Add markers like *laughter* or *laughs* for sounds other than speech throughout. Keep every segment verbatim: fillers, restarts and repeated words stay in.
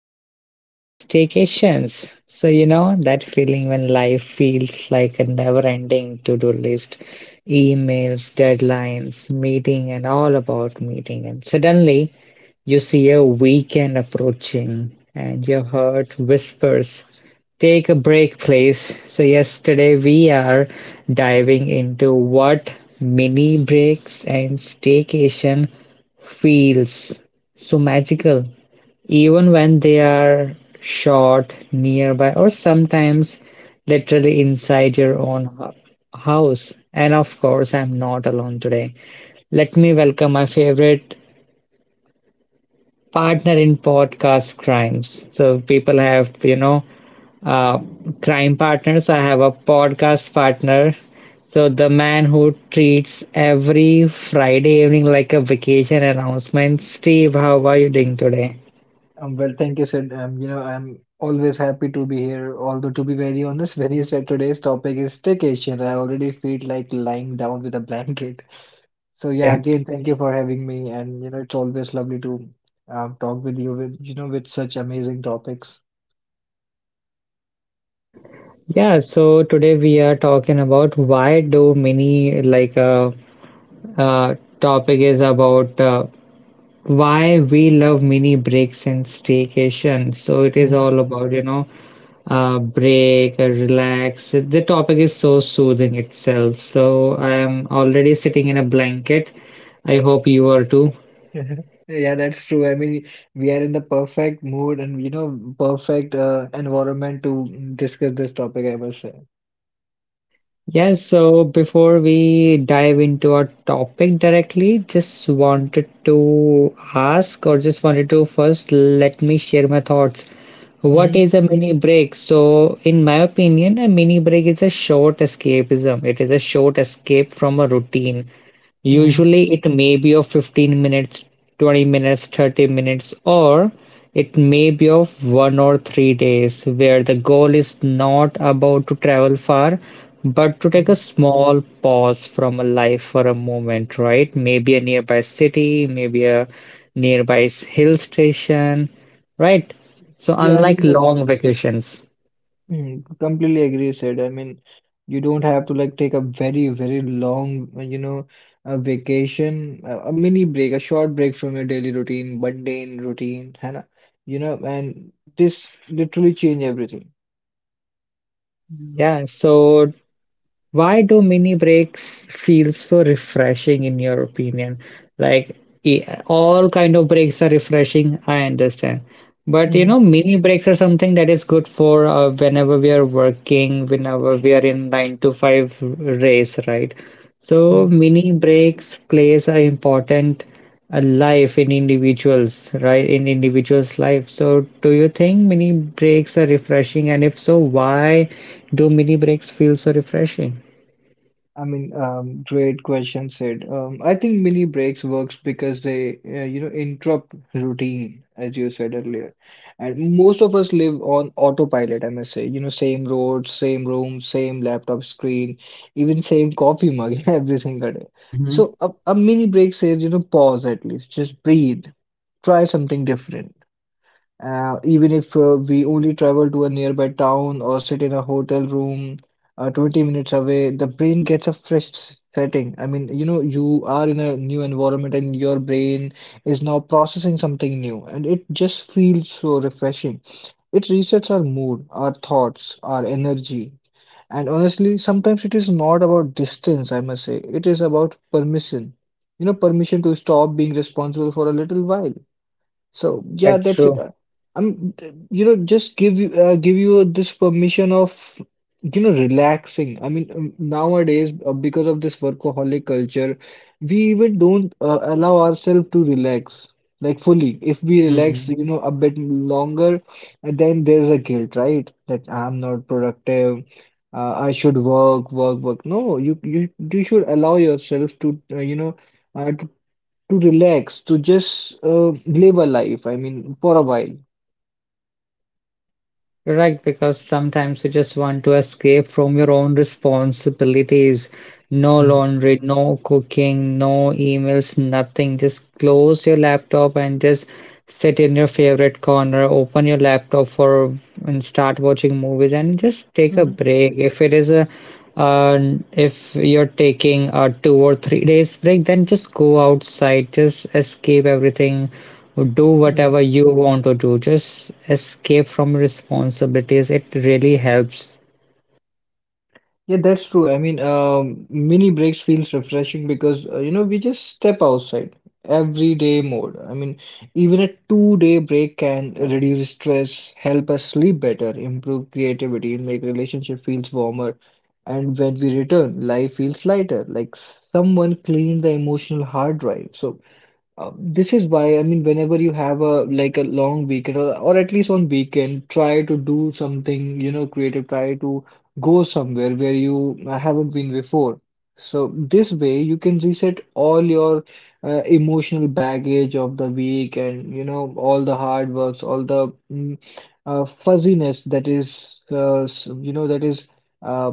and staycations. So, you know, that feeling when life feels like a never ending to do list, emails, deadlines, meeting, and all about meeting. And suddenly you see a weekend approaching and your heart whispers, take a break, please. So, yesterday we are diving into what mini breaks and staycation feels so magical, even when they are shot nearby or sometimes literally inside your own hu- house. And of course, I'm not alone today. Let me welcome my favorite partner in podcast crimes. So people have, you know, uh, crime partners. I have a podcast partner. So the man who treats every Friday evening like a vacation announcement. Steve, how are you doing today? Um, well, thank you, Sid. Um, you know, I'm always happy to be here. Although, to be very honest, *laughs* when you said today's topic is staycation, I already feel like lying down with a blanket. *laughs* So yeah, Yeah. again, thank you for having me, and you know, it's always lovely to um, talk with you with you know with such amazing topics. Yeah, so today we are talking about why do mini, like uh, uh topic is about, uh, why we love mini breaks and staycation. So it is Mhm. all about, you know, uh break, uh, relax. The topic is so soothing itself. So I am already sitting in a blanket. I hope you are too. *laughs* Yeah, that's true. I mean, we are in the perfect mood and you know, perfect uh, environment to discuss this topic, I must say. Yes, so before we dive into our topic directly, just wanted to ask or just wanted to first let me share my thoughts. What Hmm. is a mini break? So, in my opinion, a mini break is a short escapism. It is a short escape from a routine. Hmm. Usually it may be of fifteen minutes, twenty minutes, thirty minutes, or it may be of one or three days, where the goal is not about to travel far, but to take a small pause from a life for a moment, right? Maybe a nearby city, maybe a nearby s- hill station, right? So, Yeah, I unlike mean that. long vacations. Hmm. Completely agree, said. I mean, you don't have to like take a very, very long, uh, you know, a vacation, a, a mini break, a short break from your daily routine, mundane routine, Hannah, you know, and this literally change everything. Yeah, so why do mini breaks feel so refreshing in your opinion? Like e- all kind of breaks are refreshing, I understand. But you Hmm. know, mini breaks are something that is good for, uh, whenever we are working, whenever we are in nine to five race, right? So mini breaks plays an important uh, life in individuals, right? In individuals' life. So do you think mini breaks are refreshing? And if so, why do mini breaks feel so refreshing? I mean, um, great question, Sid. Um, I think mini breaks works because they, uh, you know, interrupt routine, as you said earlier. And most of us live on autopilot, I must say. You know, same road, same room, same laptop screen, even same coffee mug *laughs* every single day. Mhm. So a, a mini break says, you know, pause at least, just breathe, try something different. Uh, even if uh, we only travel to a nearby town or sit in a hotel room uh, twenty minutes away, the brain gets a fresh s- setting. I mean, you know, you are in a new environment and your brain is now processing something new, and it just feels so refreshing. It resets our mood, our thoughts, our energy. And honestly, sometimes it is not about distance, I must say, it is about permission. You know, permission to stop being responsible for a little while. So yeah, That's that's it. true. Uh, I'm, th- you know, just give you uh, give you this permission of, you know, relaxing. I mean, um, nowadays uh, because of this workaholic culture, we even don't uh, allow ourselves to relax like fully. If we relax, Mhm. you know, a bit longer, and then there's a guilt, right? That I'm not productive. Uh, I should work, work, work. No, you you you should allow yourself to, uh, you know, uh, to to relax, to just uh, live a life, I mean, for a while. You're right, because sometimes you just want to escape from your own responsibilities. No laundry, no cooking, no emails, nothing. Just close your laptop and just sit in your favorite corner, open your laptop for and start watching movies and just take a Mhm, break. If it is a uh, if you're taking a two or three days break, then just go outside, just escape everything. Do mhm. whatever you want to do, just escape from responsibilities. It really helps. Yeah, that's true. I mean, um, mini breaks feels refreshing because uh, you know we just step outside everyday mode. I mean, even a two-day break can reduce stress, help us sleep better, improve creativity, and make relationship feels warmer. And when we return, life feels lighter, like someone cleaned the emotional hard drive. So Uh, this is why, I mean, whenever you have a like a long weekend or, or at least on weekend, try to do something, you know, creative, try to go somewhere where you uh, haven't been before. So this way you can reset all your uh, emotional baggage of the week and, you know, all the hard works, all the mm, uh, fuzziness that is, uh, s- you know, that is uh,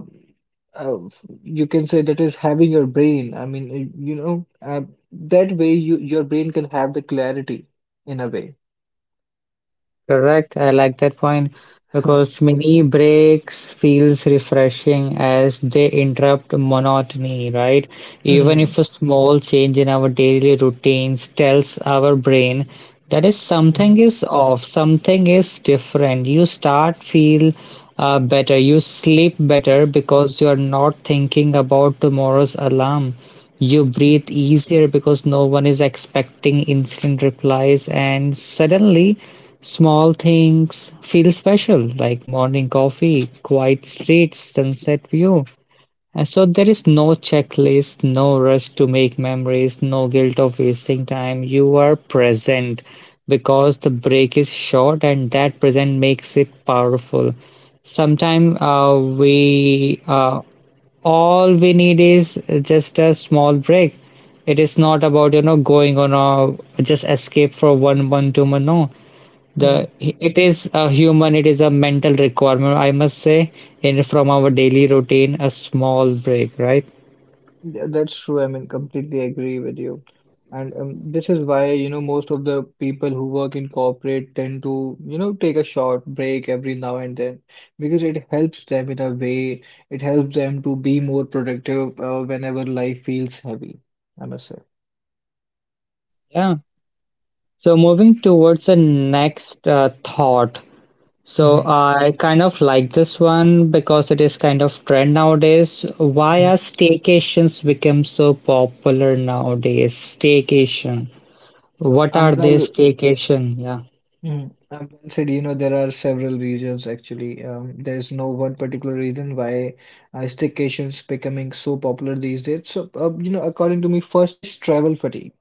uh, f- you can say that is having your brain. I mean, uh, you know, uh, that way, you, your brain can have the clarity in a way. Correct. I like that point *laughs* because mini breaks feels refreshing as they interrupt monotony, right? Even Hmm. if a small change in our daily routines tells our brain that is Hmm. something is off, something is different. You start feel uh, better, you sleep Hmm. better because you are not thinking about tomorrow's alarm. You breathe easier because no one is expecting instant replies, and suddenly small things feel special like morning coffee, quiet streets, sunset view, and so there is no checklist, no rush to make memories, no guilt of wasting time. You are present because the break is short and that present makes it powerful. Sometimes uh, we uh, all we need is just a small break. It is not about, you know, going on a just escape for one month, two month. No, the Hmm. it is a human, it is a mental requirement, I must say, in from our daily routine, a small break, right? Yeah, that's true. I mean, completely agree with you. And um, this is why, you know, most of the people who work in corporate tend to, you know, take a short break every now and then because it helps them in a way. It helps them to be more productive uh, whenever life feels heavy, I must say. Yeah, so moving towards the next uh, thought. So Mm-hmm. I kind of like this one because it is kind of trend nowadays. Why are staycations become so popular nowadays? Staycation, what Um, are they? well. Staycation? Yeah, Mm. Um, well said, you know, there are several reasons actually. Um, there is no one particular reason why uh, staycations becoming so popular these days. So, uh, you know, according to me, first is travel fatigue.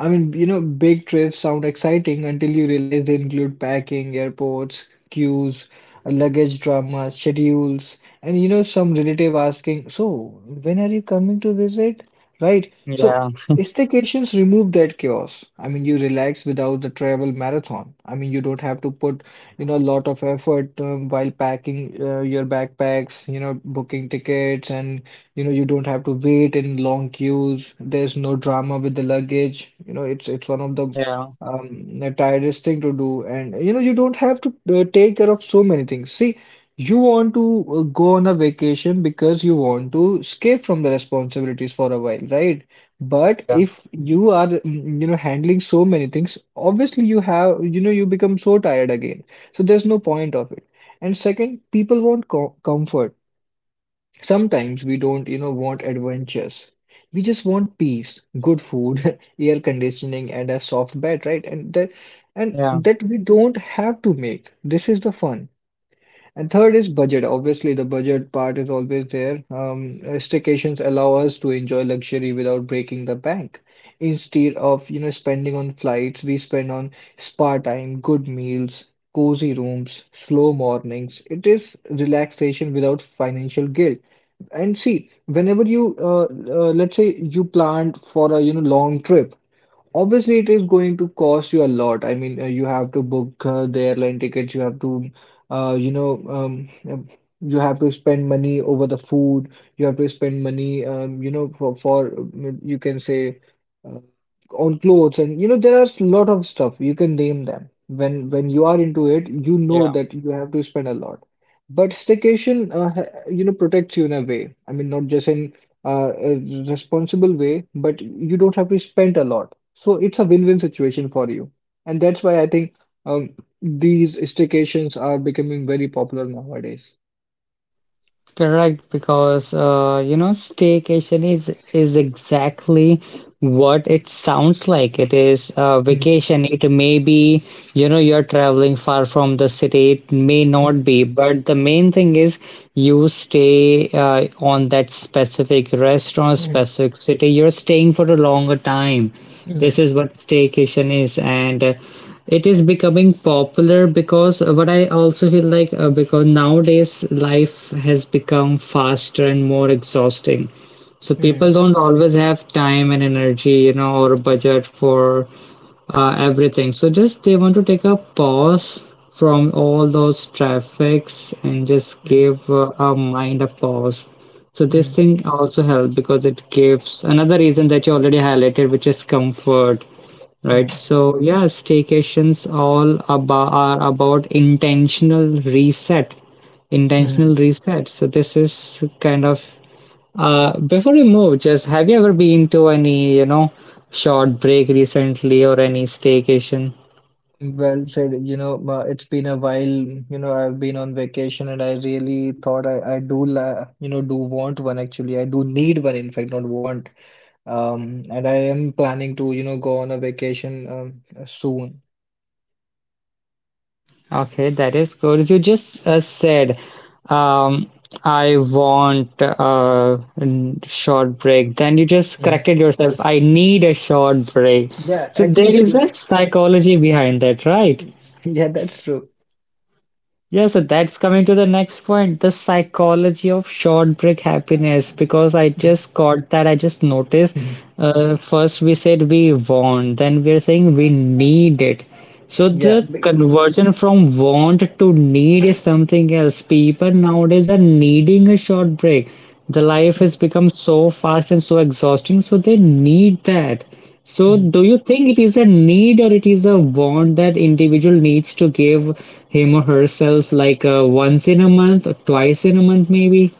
I mean, you know, big trips sound exciting until you realize they include packing, airports, queues, luggage drama, schedules, and you know, some relative asking, so, when are you coming to visit? Right? So, yeah, staycations remove that chaos. I mean, you relax without the travel marathon. I mean, you don't have to put, you know, a lot of effort um, while packing uh, your backpacks, you know, booking tickets and you know, you don't have to wait in long queues. There's no drama with the luggage. You know, it's it's one of the yeah, um the tiredest thing to do. And you know, you don't have to uh, take care of so many things. See, you want to uh, go on a vacation because you want to escape from the responsibilities for a while, right? But yeah, if you are, mm, you know, handling so many things, obviously you have, you know, you become so tired again. So there's no point of it. And second, people want co comfort. Sometimes we don't, you know, want adventures. We just want peace, good food, *laughs* air conditioning, and a soft bed, right? And that, and yeah. that we don't have to make. This is the fun. And third is budget. Obviously, the budget part is always there. Um, staycations allow us to enjoy luxury without breaking the bank. Instead of, you know, spending on flights, we spend on spa time, good meals, cozy rooms, slow mornings. It is relaxation without financial guilt. And see, whenever you, uh, uh, let's say you planned for a, you know, long trip. Obviously, it is going to cost you a lot. I mean, uh, you have to book uh, the airline tickets, you have to, uh, you know, um, um, you have to spend money over the food, you have to spend money, um, you know, for, for um, you can say, uh, on clothes, and you know, there are a lot of stuff you can name them. When when you are into it, you know Yeah. that you have to spend a lot. But staycation, uh, ha- you know, protects you in a way. I mean, not just in uh, a responsible way, but you don't have to spend a lot. So it's a win-win situation for you. And that's why I think um, these staycations are becoming very popular nowadays. Correct, because, uh, you know, staycation is is exactly what it sounds like. It is a Mm, vacation. It may be, you know, you're traveling far from the city. It may not mm, be, but the main thing is you stay uh, on that specific restaurant, mm, specific city. You're staying for a longer time. mm, This is what staycation is, and, uh, it is becoming popular because, uh, what I also feel like, uh, because nowadays life has become faster and more exhausting, so mm, people don't always have time and energy, you know, or a budget for uh, everything. So just they want to take a pause from all those traffics and just mm, give uh, our mind a pause. So this mm, thing also helps because it gives another reason that you already highlighted, which is comfort. Right. mm, So yeah, staycations all about are about intentional reset. Intentional mm. reset. So this is kind of, uh before you move, just have you ever been to any, you know, short break recently or any staycation? Well said. You know, ma- it's been a while. You know, I've been on vacation and I really thought I, I do, la you know, do want one actually. I do need one, in fact, not want. Um, and I am planning to, you know, go on a vacation um, soon. Okay, that is good. You just uh, said, um, I want a short break. Then you just Hmm. corrected yourself. I need a short break. Yeah, So there actually, see, is a psychology behind that, right? *laughs* yeah, that's true. Yes, so that's coming to the next point, the psychology of short break happiness. Because I just caught that, I just noticed. *laughs* Uh, first, we said we want, then we are saying we need it. So Yeah. the be- conversion from want to need is something else. People nowadays are needing a short break. The life has become so fast and so exhausting, so they need that. *laughs* So, Mhm. do you think it is a need or it is a want that individual needs to give him or herself like, uh, once in a month or twice in a month, maybe?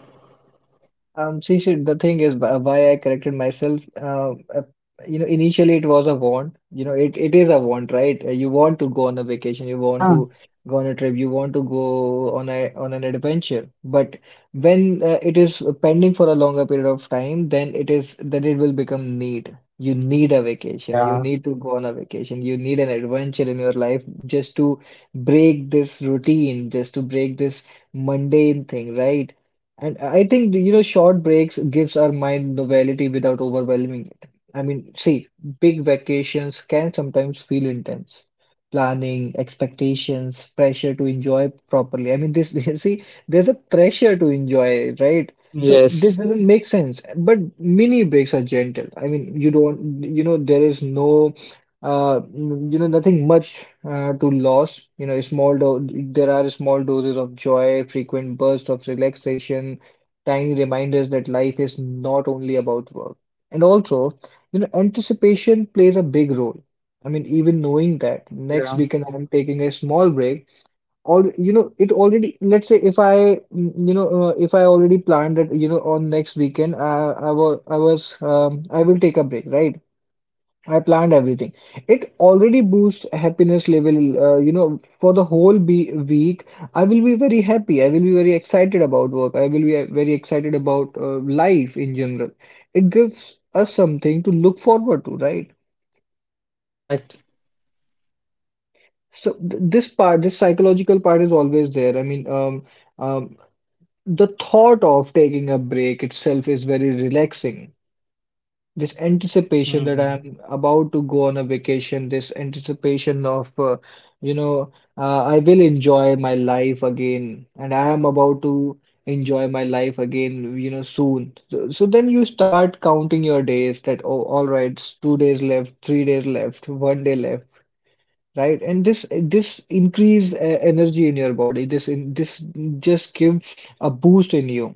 Um, see, see, the thing is wh- why I corrected myself. Uh, uh, you know, initially it was a want. You know, it, it is a want, right? Uh, You want to go on a vacation, you want Yeah, to go on a trip, you want to go on a on an adventure. But when uh, it is pending for a longer period of time, then it is then it will become need. You need a vacation. You yeah, need to go on a vacation. You need an adventure in your life just to break this routine, just to break this mundane thing, right? And I think, you know, short breaks gives our mind novelty without overwhelming it. I mean, see, big vacations can sometimes feel intense. Planning, expectations, pressure to enjoy properly. I mean, this, *laughs* see, there's a pressure to enjoy, right? So this yes, doesn't make sense. But mini breaks are gentle. I mean, you don't, you know, there is no uh, mm, you know, nothing much uh, to lose. You know, small do there are small doses of joy, frequent bursts of relaxation, tiny reminders that life is not only about work. And also, you know, anticipation plays a big role. I mean, even knowing that next yeah, weekend I'm taking a small break, all you know, it already. Let's say if I, mm, you know, uh, if I already planned that, you know, on next weekend, I, I was, I was, um, I will take a break, right? I planned everything. It already boosts happiness level, uh, you know, for the whole be week. I will be very happy. I will be very excited about work. I will be uh, very excited about uh, life in general. It gives us something to look forward to, right? correct. So th this part, this psychological part is always there. I mean, um, um, the thought of taking a break itself is very relaxing. This anticipation that Mm. I'm about to go on a vacation, this anticipation of, uh, you know, uh, I will enjoy my life again, and I am about to enjoy my life again, you know, soon. So, so then you start counting your days that, oh, all right, it's two days left, three days left, one day left, right? And this this increase uh, energy in your body. This in this just give a boost in you.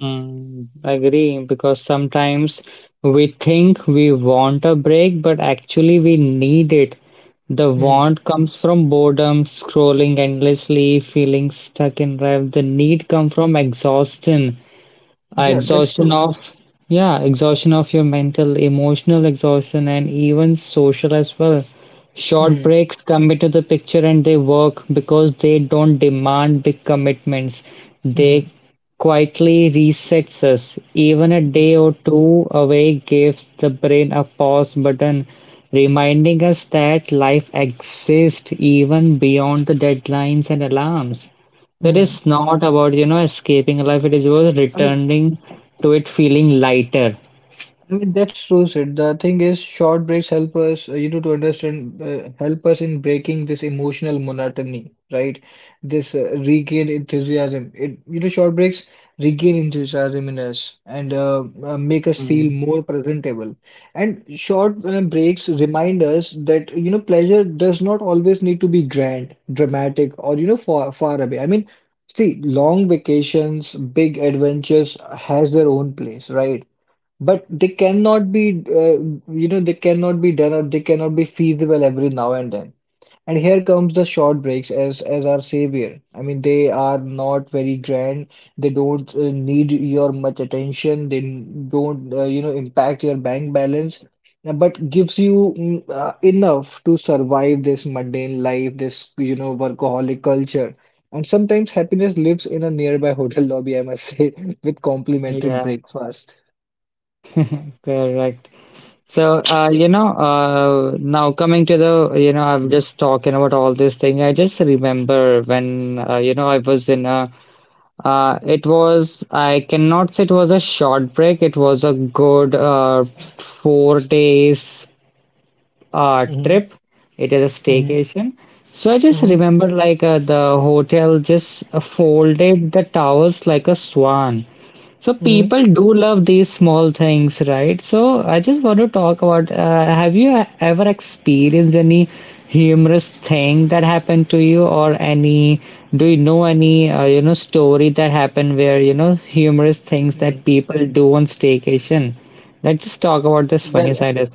Mm, agree, because sometimes we think we want a break, but actually we need it. The Mhm. want comes from boredom, scrolling endlessly, feeling stuck in life. The need comes from exhaustion. Uh, Yeah, that's Exhaustion true. of, yeah, exhaustion of your mental, emotional exhaustion, and even social as well. Short hmm breaks come into the picture and they work because they don't demand big commitments. hmm They quietly resets us. Even a day or two away gives the brain a pause button, reminding us that life exists even beyond the deadlines and alarms. That hmm is not about, you know, escaping life. It is about I mean. returning to it feeling lighter. I mean, that's true, Sid. The thing is, short breaks help us, uh, you know, to understand, uh, help us in breaking this emotional monotony, right? This uh, regain enthusiasm. It, you know, short breaks regain enthusiasm in us and uh, uh, make us feel Hmm. more presentable. And short uh, breaks remind us that, you know, pleasure does not always need to be grand, dramatic, or, you know, far, far away. I mean, see, long vacations, big adventures has their own place, right? But they cannot be, uh, you know, they cannot be done or they cannot be feasible every now and then. And here comes the short breaks as as our savior. I mean, they are not very grand. They don't uh, need your much attention. They don't, uh, you know, impact your bank balance, uh, but gives you mm, uh, enough to survive this mundane life, this, you know, workaholic culture. And sometimes happiness lives in a nearby hotel lobby, I must say, *laughs* with complimentary Yeah, breakfast. *laughs* correct. So, uh, you know, uh, now coming to the, you know, I'm just talking about all this thing. I just remember when, uh, you know, I was in a, uh, it was, I cannot say it was a short break. It was a good, uh, four days uh, trip. It is a Mhm, staycation. So I just mhm, remember like uh, the hotel just uh, folded the towers like a swan. So mhm, people do love these small things, right? So I just want to talk about, uh, have you ever experienced any humorous thing that happened to you, or any, do you know any uh, you know, story that happened where, you know, humorous things mhm. that people do on staycation? Let's just talk about this *laughs* funny Well, side as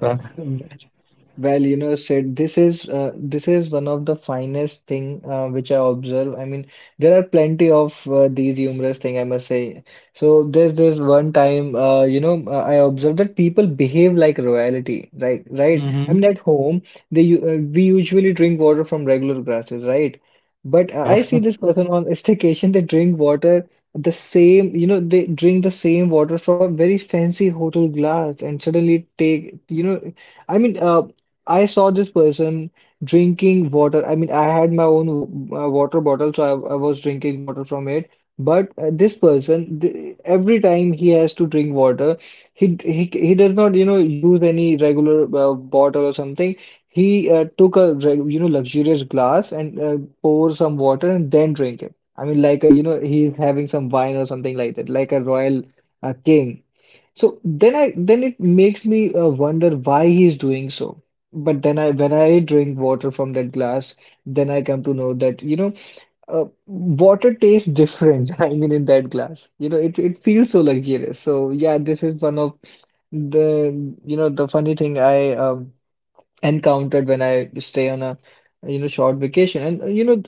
Well, you know, Sid, this is uh, this is one of the finest thing uh, which I observe. I mean, there are plenty of uh, these humorous thing, I must say. So there's this one time, uh, you know, uh, I observed that people behave like royalty, right? Right? I well. mean, at home, they u- uh, we usually drink water from regular glasses, right? But I Yeah, I see this person on *laughs* a staycation, they drink water the same, you know, they drink the same water from a very fancy hotel glass, and suddenly take, you know. I mean, uh, I saw this person drinking water. I mean, I had my own wa- uh, water bottle, so I, I was drinking water from it. But uh, this person, th every time he has to drink water, he d- he c- he does not, you know, use any regular uh, bottle or something. He uh, took a reg- you know luxurious glass and uh, pour some water and then drink it. I mean, like a, you know, he's having some wine or something like that, like a royal uh, king. So then I then it makes me uh, wonder why he's doing so. But then I when I drink water from that glass, then I come to know that you know uh, water tastes different. *laughs* I mean, in that glass, you know, it it feels so luxurious. So yeah, this is one of the you know the funny thing I um, encountered when I stay on a you know short vacation. And uh, you know,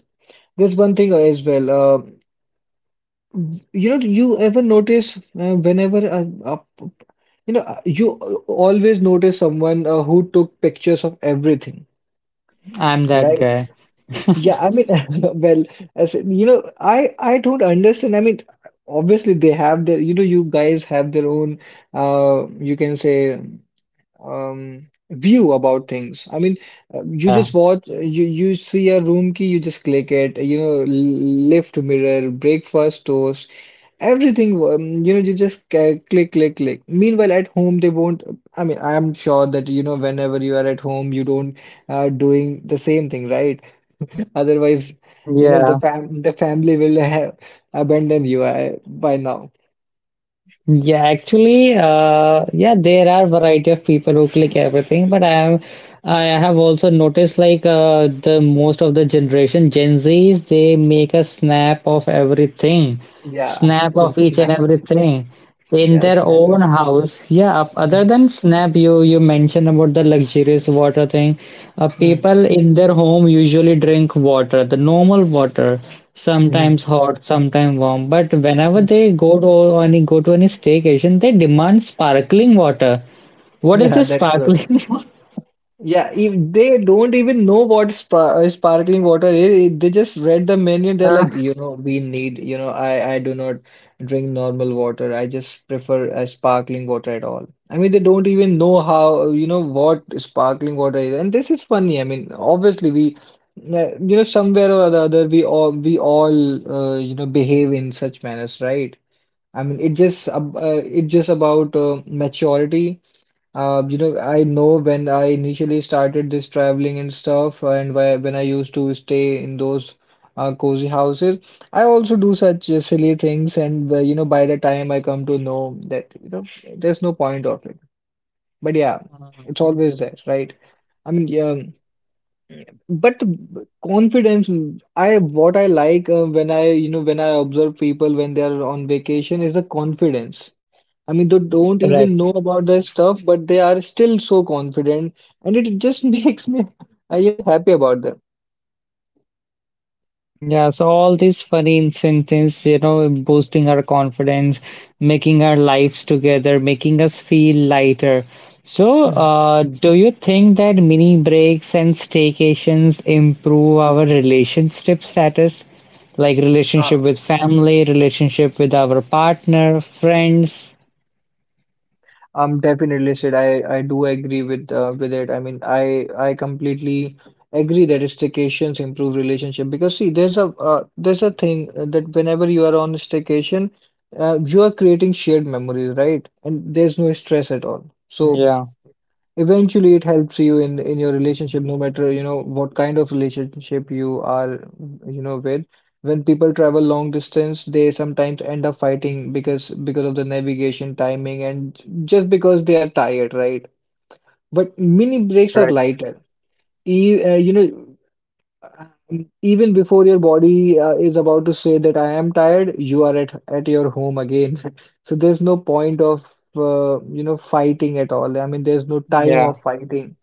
there's one thing as well. Uh, you know, do you ever notice uh, whenever a, a You know, uh, you uh, always notice someone uh, who took pictures of everything, *laughs* I'm that right? guy. Yeah, I mean, *laughs* well, as in, you know, I I don't understand. I mean, obviously they have their, you know, you guys have their own, uh, you can say, um, view about things. I mean, uh, you Yeah, just watch, uh, you you see a room key, you just click it. You know, l- lift mirror, breakfast toast. Everything, um, you know, you just ca- click, click, click. Meanwhile, at home, they won't. I mean, I am sure that, you know, whenever you are at home, you don't uh, doing the same thing, right? *laughs* Otherwise, you know, yeah, the fam the family will *laughs* have abandoned you uh, by now. yeah. Actually, uh, yeah, there are variety of people who click everything, but I am, I have also noticed like, uh, the most of the generation Gen Zs, they make a snap of everything, Yeah, *laughs* snap the of each and snap. everything. In Yeah, their snap. own house, yeah. up- Other than Snap, you you mentioned about the luxurious water thing. Uh, people in their home usually drink water, the normal water, Mm-hmm. sometimes hot, sometimes warm. But whenever they go to any go to any staycation, they demand sparkling water. What is Yeah, this that's true. sparkling? *laughs* Yeah, even they don't even know what spa uh, sparkling water is. They just read the menu and they're like, you know, we need, you know, I I do not drink normal water. I just prefer a sparkling water at all. I mean, they don't even know how, you know, what sparkling water is. And this is funny. I mean, obviously we, uh, you know, somewhere or the other, we all we all, uh, you know, behave in such manners, right? I mean, it just ab- uh, it just about uh, maturity uh, you know, I know when I initially started this traveling and stuff, uh, and whe- when I used to stay in those uh, cozy houses, I also do such uh, silly things. And uh, you know, by the time I come to know that, you know, there's no point of it. But yeah, it's always there, right? I mean, yeah, but the confidence, I what I like uh, when I, you know, when I observe people when they are on vacation is the confidence. I mean, they don't even know Correct. about their stuff, but they are still so confident, and it just *laughs* makes me, uh, you know, happy about them. Yeah, so all these funny incentives, you know, boosting our confidence, making our lives together, making us feel lighter. So, Hmm. uh, do you think that mini breaks and staycations improve our relationship status? Like Uh, relationship with family, relationship with our partner, friends? I'm definitely said I I do agree with uh, with it. I mean, I I completely agree that staycations improve relationship because see, there's a uh, there's a thing uh, that whenever you are on a staycation, uh, you are creating shared memories, right? And there's no stress at all. So Yeah, eventually, it helps you in in your relationship, no matter you know what kind of relationship you are, you know, with. When people travel long distance, they sometimes end up fighting because because of the navigation, timing, and just because they are tired, right? But mini breaks are correct. lighter. E uh, you know, um, even before your body uh, is about to say that I am tired, you are at at your home again. *laughs* So there's no point of uh, you know fighting at all. I mean, there's no time Yeah, of fighting.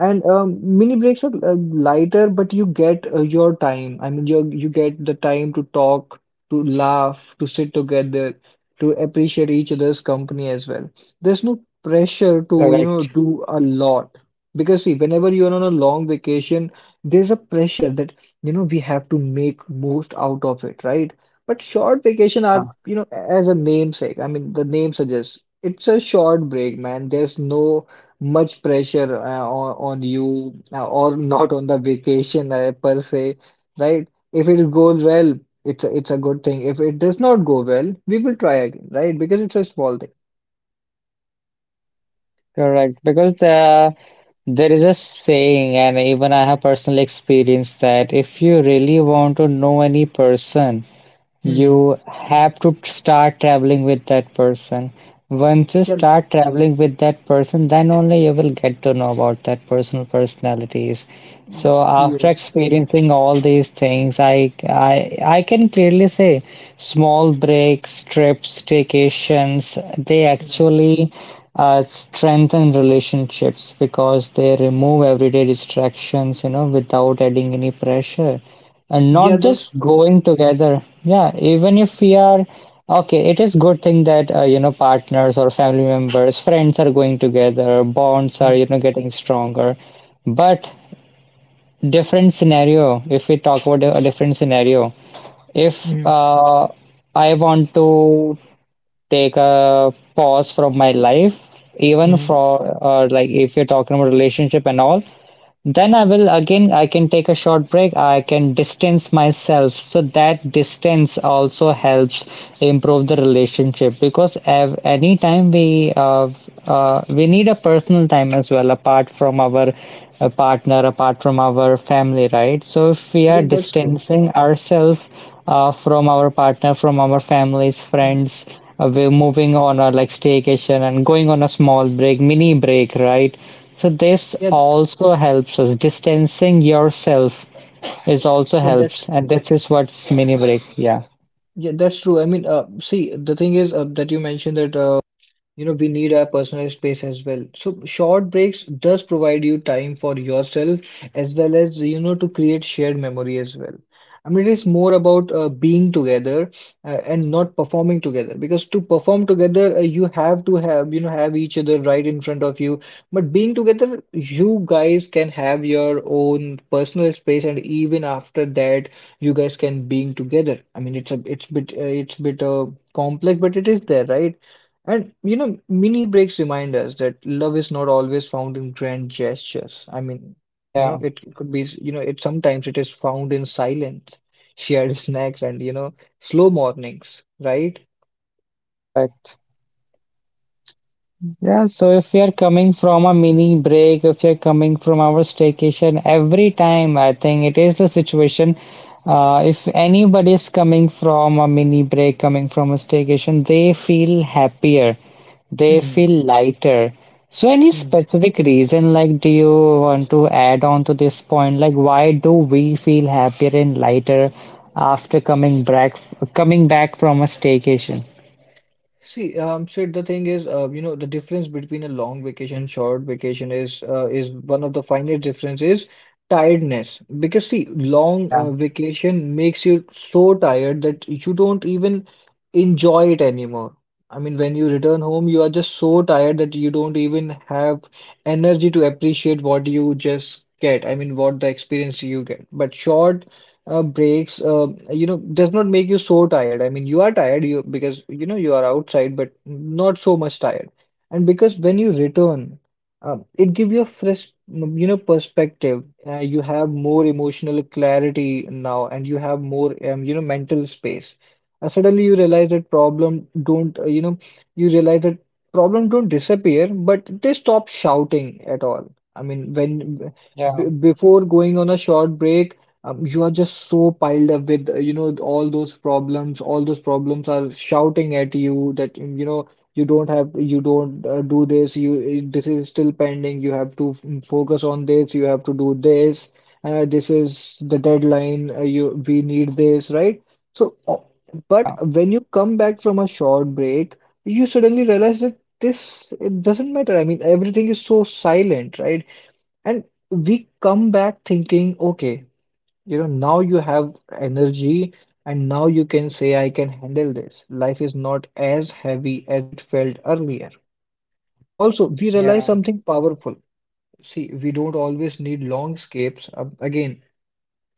And um, mini breaks are uh, lighter, but you get uh, your time. I mean, you you get the time to talk, to laugh, to sit together, to appreciate each other's company as well. There's no pressure to, you know, correct. do a lot. Because see, whenever you're on a long vacation, there's a pressure that, you know, we have to make most out of it, right? But short vacation are, Yeah, you know, as a namesake, I mean, the name suggests it's a short break, man. There's no much pressure uh, on, on you uh, or not on the vacation uh, per se, right? If it goes well, it's a, it's a good thing. If it does not go well, we will try again, right? Because it's a small thing. correct. Because, uh, there is a saying, and even I have personally experienced that if you really want to know any person, Hmm. you have to start traveling with that person. Once you Yeah. start traveling with that person, then only you will get to know about that personal personalities. y- So after Yes. experiencing all these things, I I I can clearly say small breaks, trips, vacations, they Hmm. actually uh, strengthen relationships because they remove everyday distractions, you know, without adding any pressure. And Yeah, not that's just true. going together. Yeah, even if we are okay, it is good thing that, uh, you know, partners or family members, friends are going together, bonds are, Hmm. you know, getting stronger. But different scenario, if we talk about a different scenario, if, Hmm. uh, I want to take a pause from my life, even Hmm. for, uh, like if you're talking about relationship and all, then I will again, I can take a short break, I can distance myself. So that distance also helps improve the relationship because, ev- anytime we uh, uh, we need a personal time as well, apart from our uh, partner, apart from our family, right? So if we are Yeah, that's true. distancing ourselves, uh, from our partner, from our families, Hmm. friends, uh, we're moving on a like staycation and going on a small break, mini break, right? So this Yeah, also helps us. Distancing yourself is also yeah, that's helps, and this is what's mini break. Yeah, yeah, that's true. I mean, uh, see, the thing is uh, that you mentioned that uh, you know we need our personal space as well so short breaks does provide you time for yourself as well as you know to create shared memory as well I mean it is more about uh, being together uh, and not performing together because to perform together uh, you have to have you know have each other right in front of you but being together you guys can have your own personal space and even after that you guys can being together I mean it's a it's bit uh, it's bit uh, complex but it is there right and you know, mini breaks remind us that love is not always found in grand gestures. I mean, you know, yeah, it it could be, you know, it sometimes it is found in silence, shared *laughs* snacks, and you know, slow mornings, right? correct. Yeah, so if you're coming from a mini break, if you're coming from our staycation, every time I think it is the situation. Uh, if anybody is coming from a mini break, coming from a staycation, they feel happier, they Hmm. feel lighter. So, any specific reason, like, do you want to add on to this point? Like, why do we feel happier and lighter after coming back, coming back from a staycation? See, um, Sid, the thing is, uh, you know, the difference between a long vacation and short vacation is uh, is one of the finest difference is tiredness. Because see, long Yeah, uh, vacation makes you so tired that you don't even enjoy it anymore. I mean, when you return home, you are just so tired that you don't even have energy to appreciate what you just get. I mean, what the experience you get. But short uh, breaks, uh, you know, does not make you so tired. I mean, you are tired you because you know you are outside, but not so much tired. And because when you return, um, it give you a fresh, mm, you know, perspective. Uh, you have more emotional clarity now, and you have more, um, you know, mental space. Uh, suddenly, you realize that problem don't, uh, you know, you realize that problem don't disappear, but they stop shouting at all. I mean, when b yeah, before going on a short break, um, you are just so piled up with, uh, you know, all those problems. All those problems are shouting at you that, um, you know, you don't have, you don't uh, do this. You, uh, this is still pending. You have to f- focus on this. You have to do this. Uh, this is the deadline. Uh, you, we need this, right? So, uh, but yeah, when you come back from a short break, you suddenly realize that this, it doesn't matter. I mean, everything is so silent, right? And we come back thinking, okay. You know, now you have energy and now you can say, I can handle this. Life is not as heavy as it felt earlier. Also, we realize yeah. something powerful. See, we don't always need long escapes. Um, again,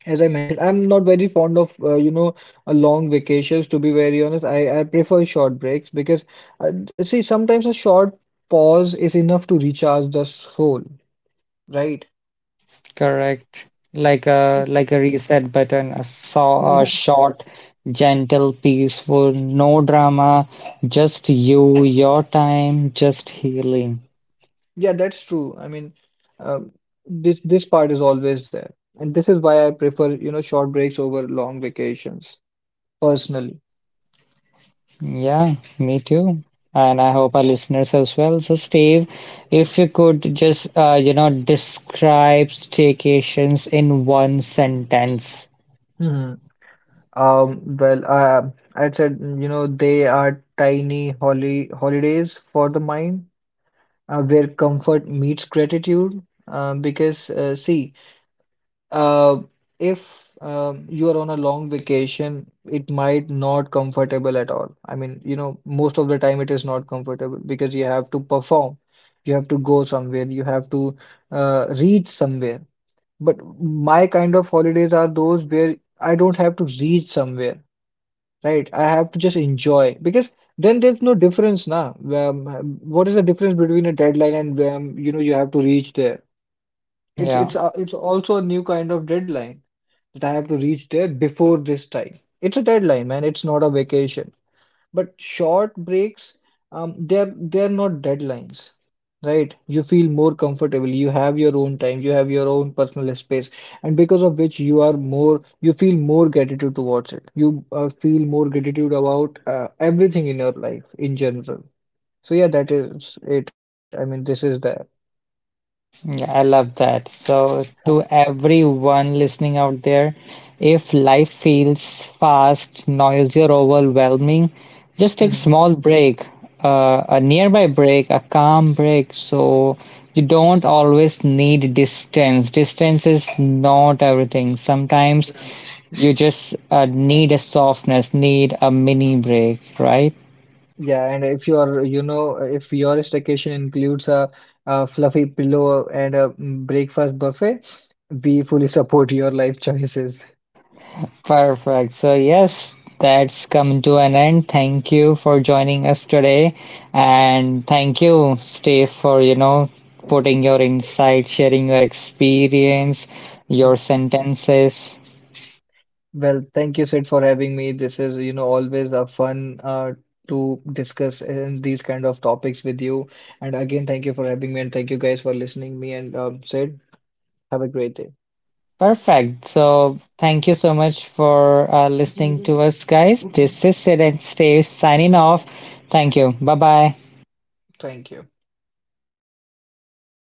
as I mentioned, I'm not very fond of uh, you know a long vacations. To be very honest, I I prefer short breaks because uh, d- see sometimes a short pause is enough to recharge the soul, right? Correct. Like a like a reset button, a saw a *laughs* short, gentle, peaceful, no drama, just you, your time, just healing. Yeah, that's true. I mean, um, this this part is always there, and this is why I prefer, you know, short breaks over long vacations personally. Yeah, me too. And I hope our listeners as well. So Steve, if you could just, uh, you know, describe staycations in one sentence. Hmm. Um, well, uh, I said, mm, you know, they are tiny holy holidays for the mind, uh, where comfort meets gratitude. Uh, because uh, see, Uh, if um, you are on a long vacation, it might not comfortable at all. I mean, you know, most of the time it is not comfortable because you have to perform, you have to go somewhere, you have to uh, reach somewhere. But my kind of holidays are those where I don't have to reach somewhere, right? I have to just enjoy because then there's no difference now. Um, what is the difference between a deadline and um, you know, you have to reach there? It's Yeah. it's a- it's also a new kind of deadline that I have to reach there before this time. It's a deadline, man. It's not a vacation. But short breaks, um, they're they're not deadlines, right? You feel more comfortable. You have your own time. You have your own personal space, and because of which you are more, you feel more gratitude towards it. You uh, feel more gratitude about uh, everything in your life in general. So yeah, that is it. I mean, this is the. Yeah, I love that. So, to everyone listening out there, if life feels fast, noisy, or overwhelming, just take a *laughs* small break, uh, a nearby break, a calm break. So, you don't always need distance. Distance is not everything. Sometimes Mhm. you just uh, need a softness, need a mini break, right? Yeah, and if your, you know, if your staycation includes a, a fluffy pillow and a mm, breakfast buffet, we fully support your life choices. Perfect. So, yes, that's come to an end. Thank you for joining us today. And thank you, Steve, for, you know, putting your insight, sharing your experience, Mm. your sentences. Well, thank you, Sid, for having me. This is, you know, always a fun uh, to discuss in these kind of topics with you. And again, thank you for having me, and thank you guys for listening me and um, Sid. Have a great day. Perfect. So, thank you so much for uh, listening to us, guys. This is Sid and Steve signing off. Thank you. Bye bye. Thank you.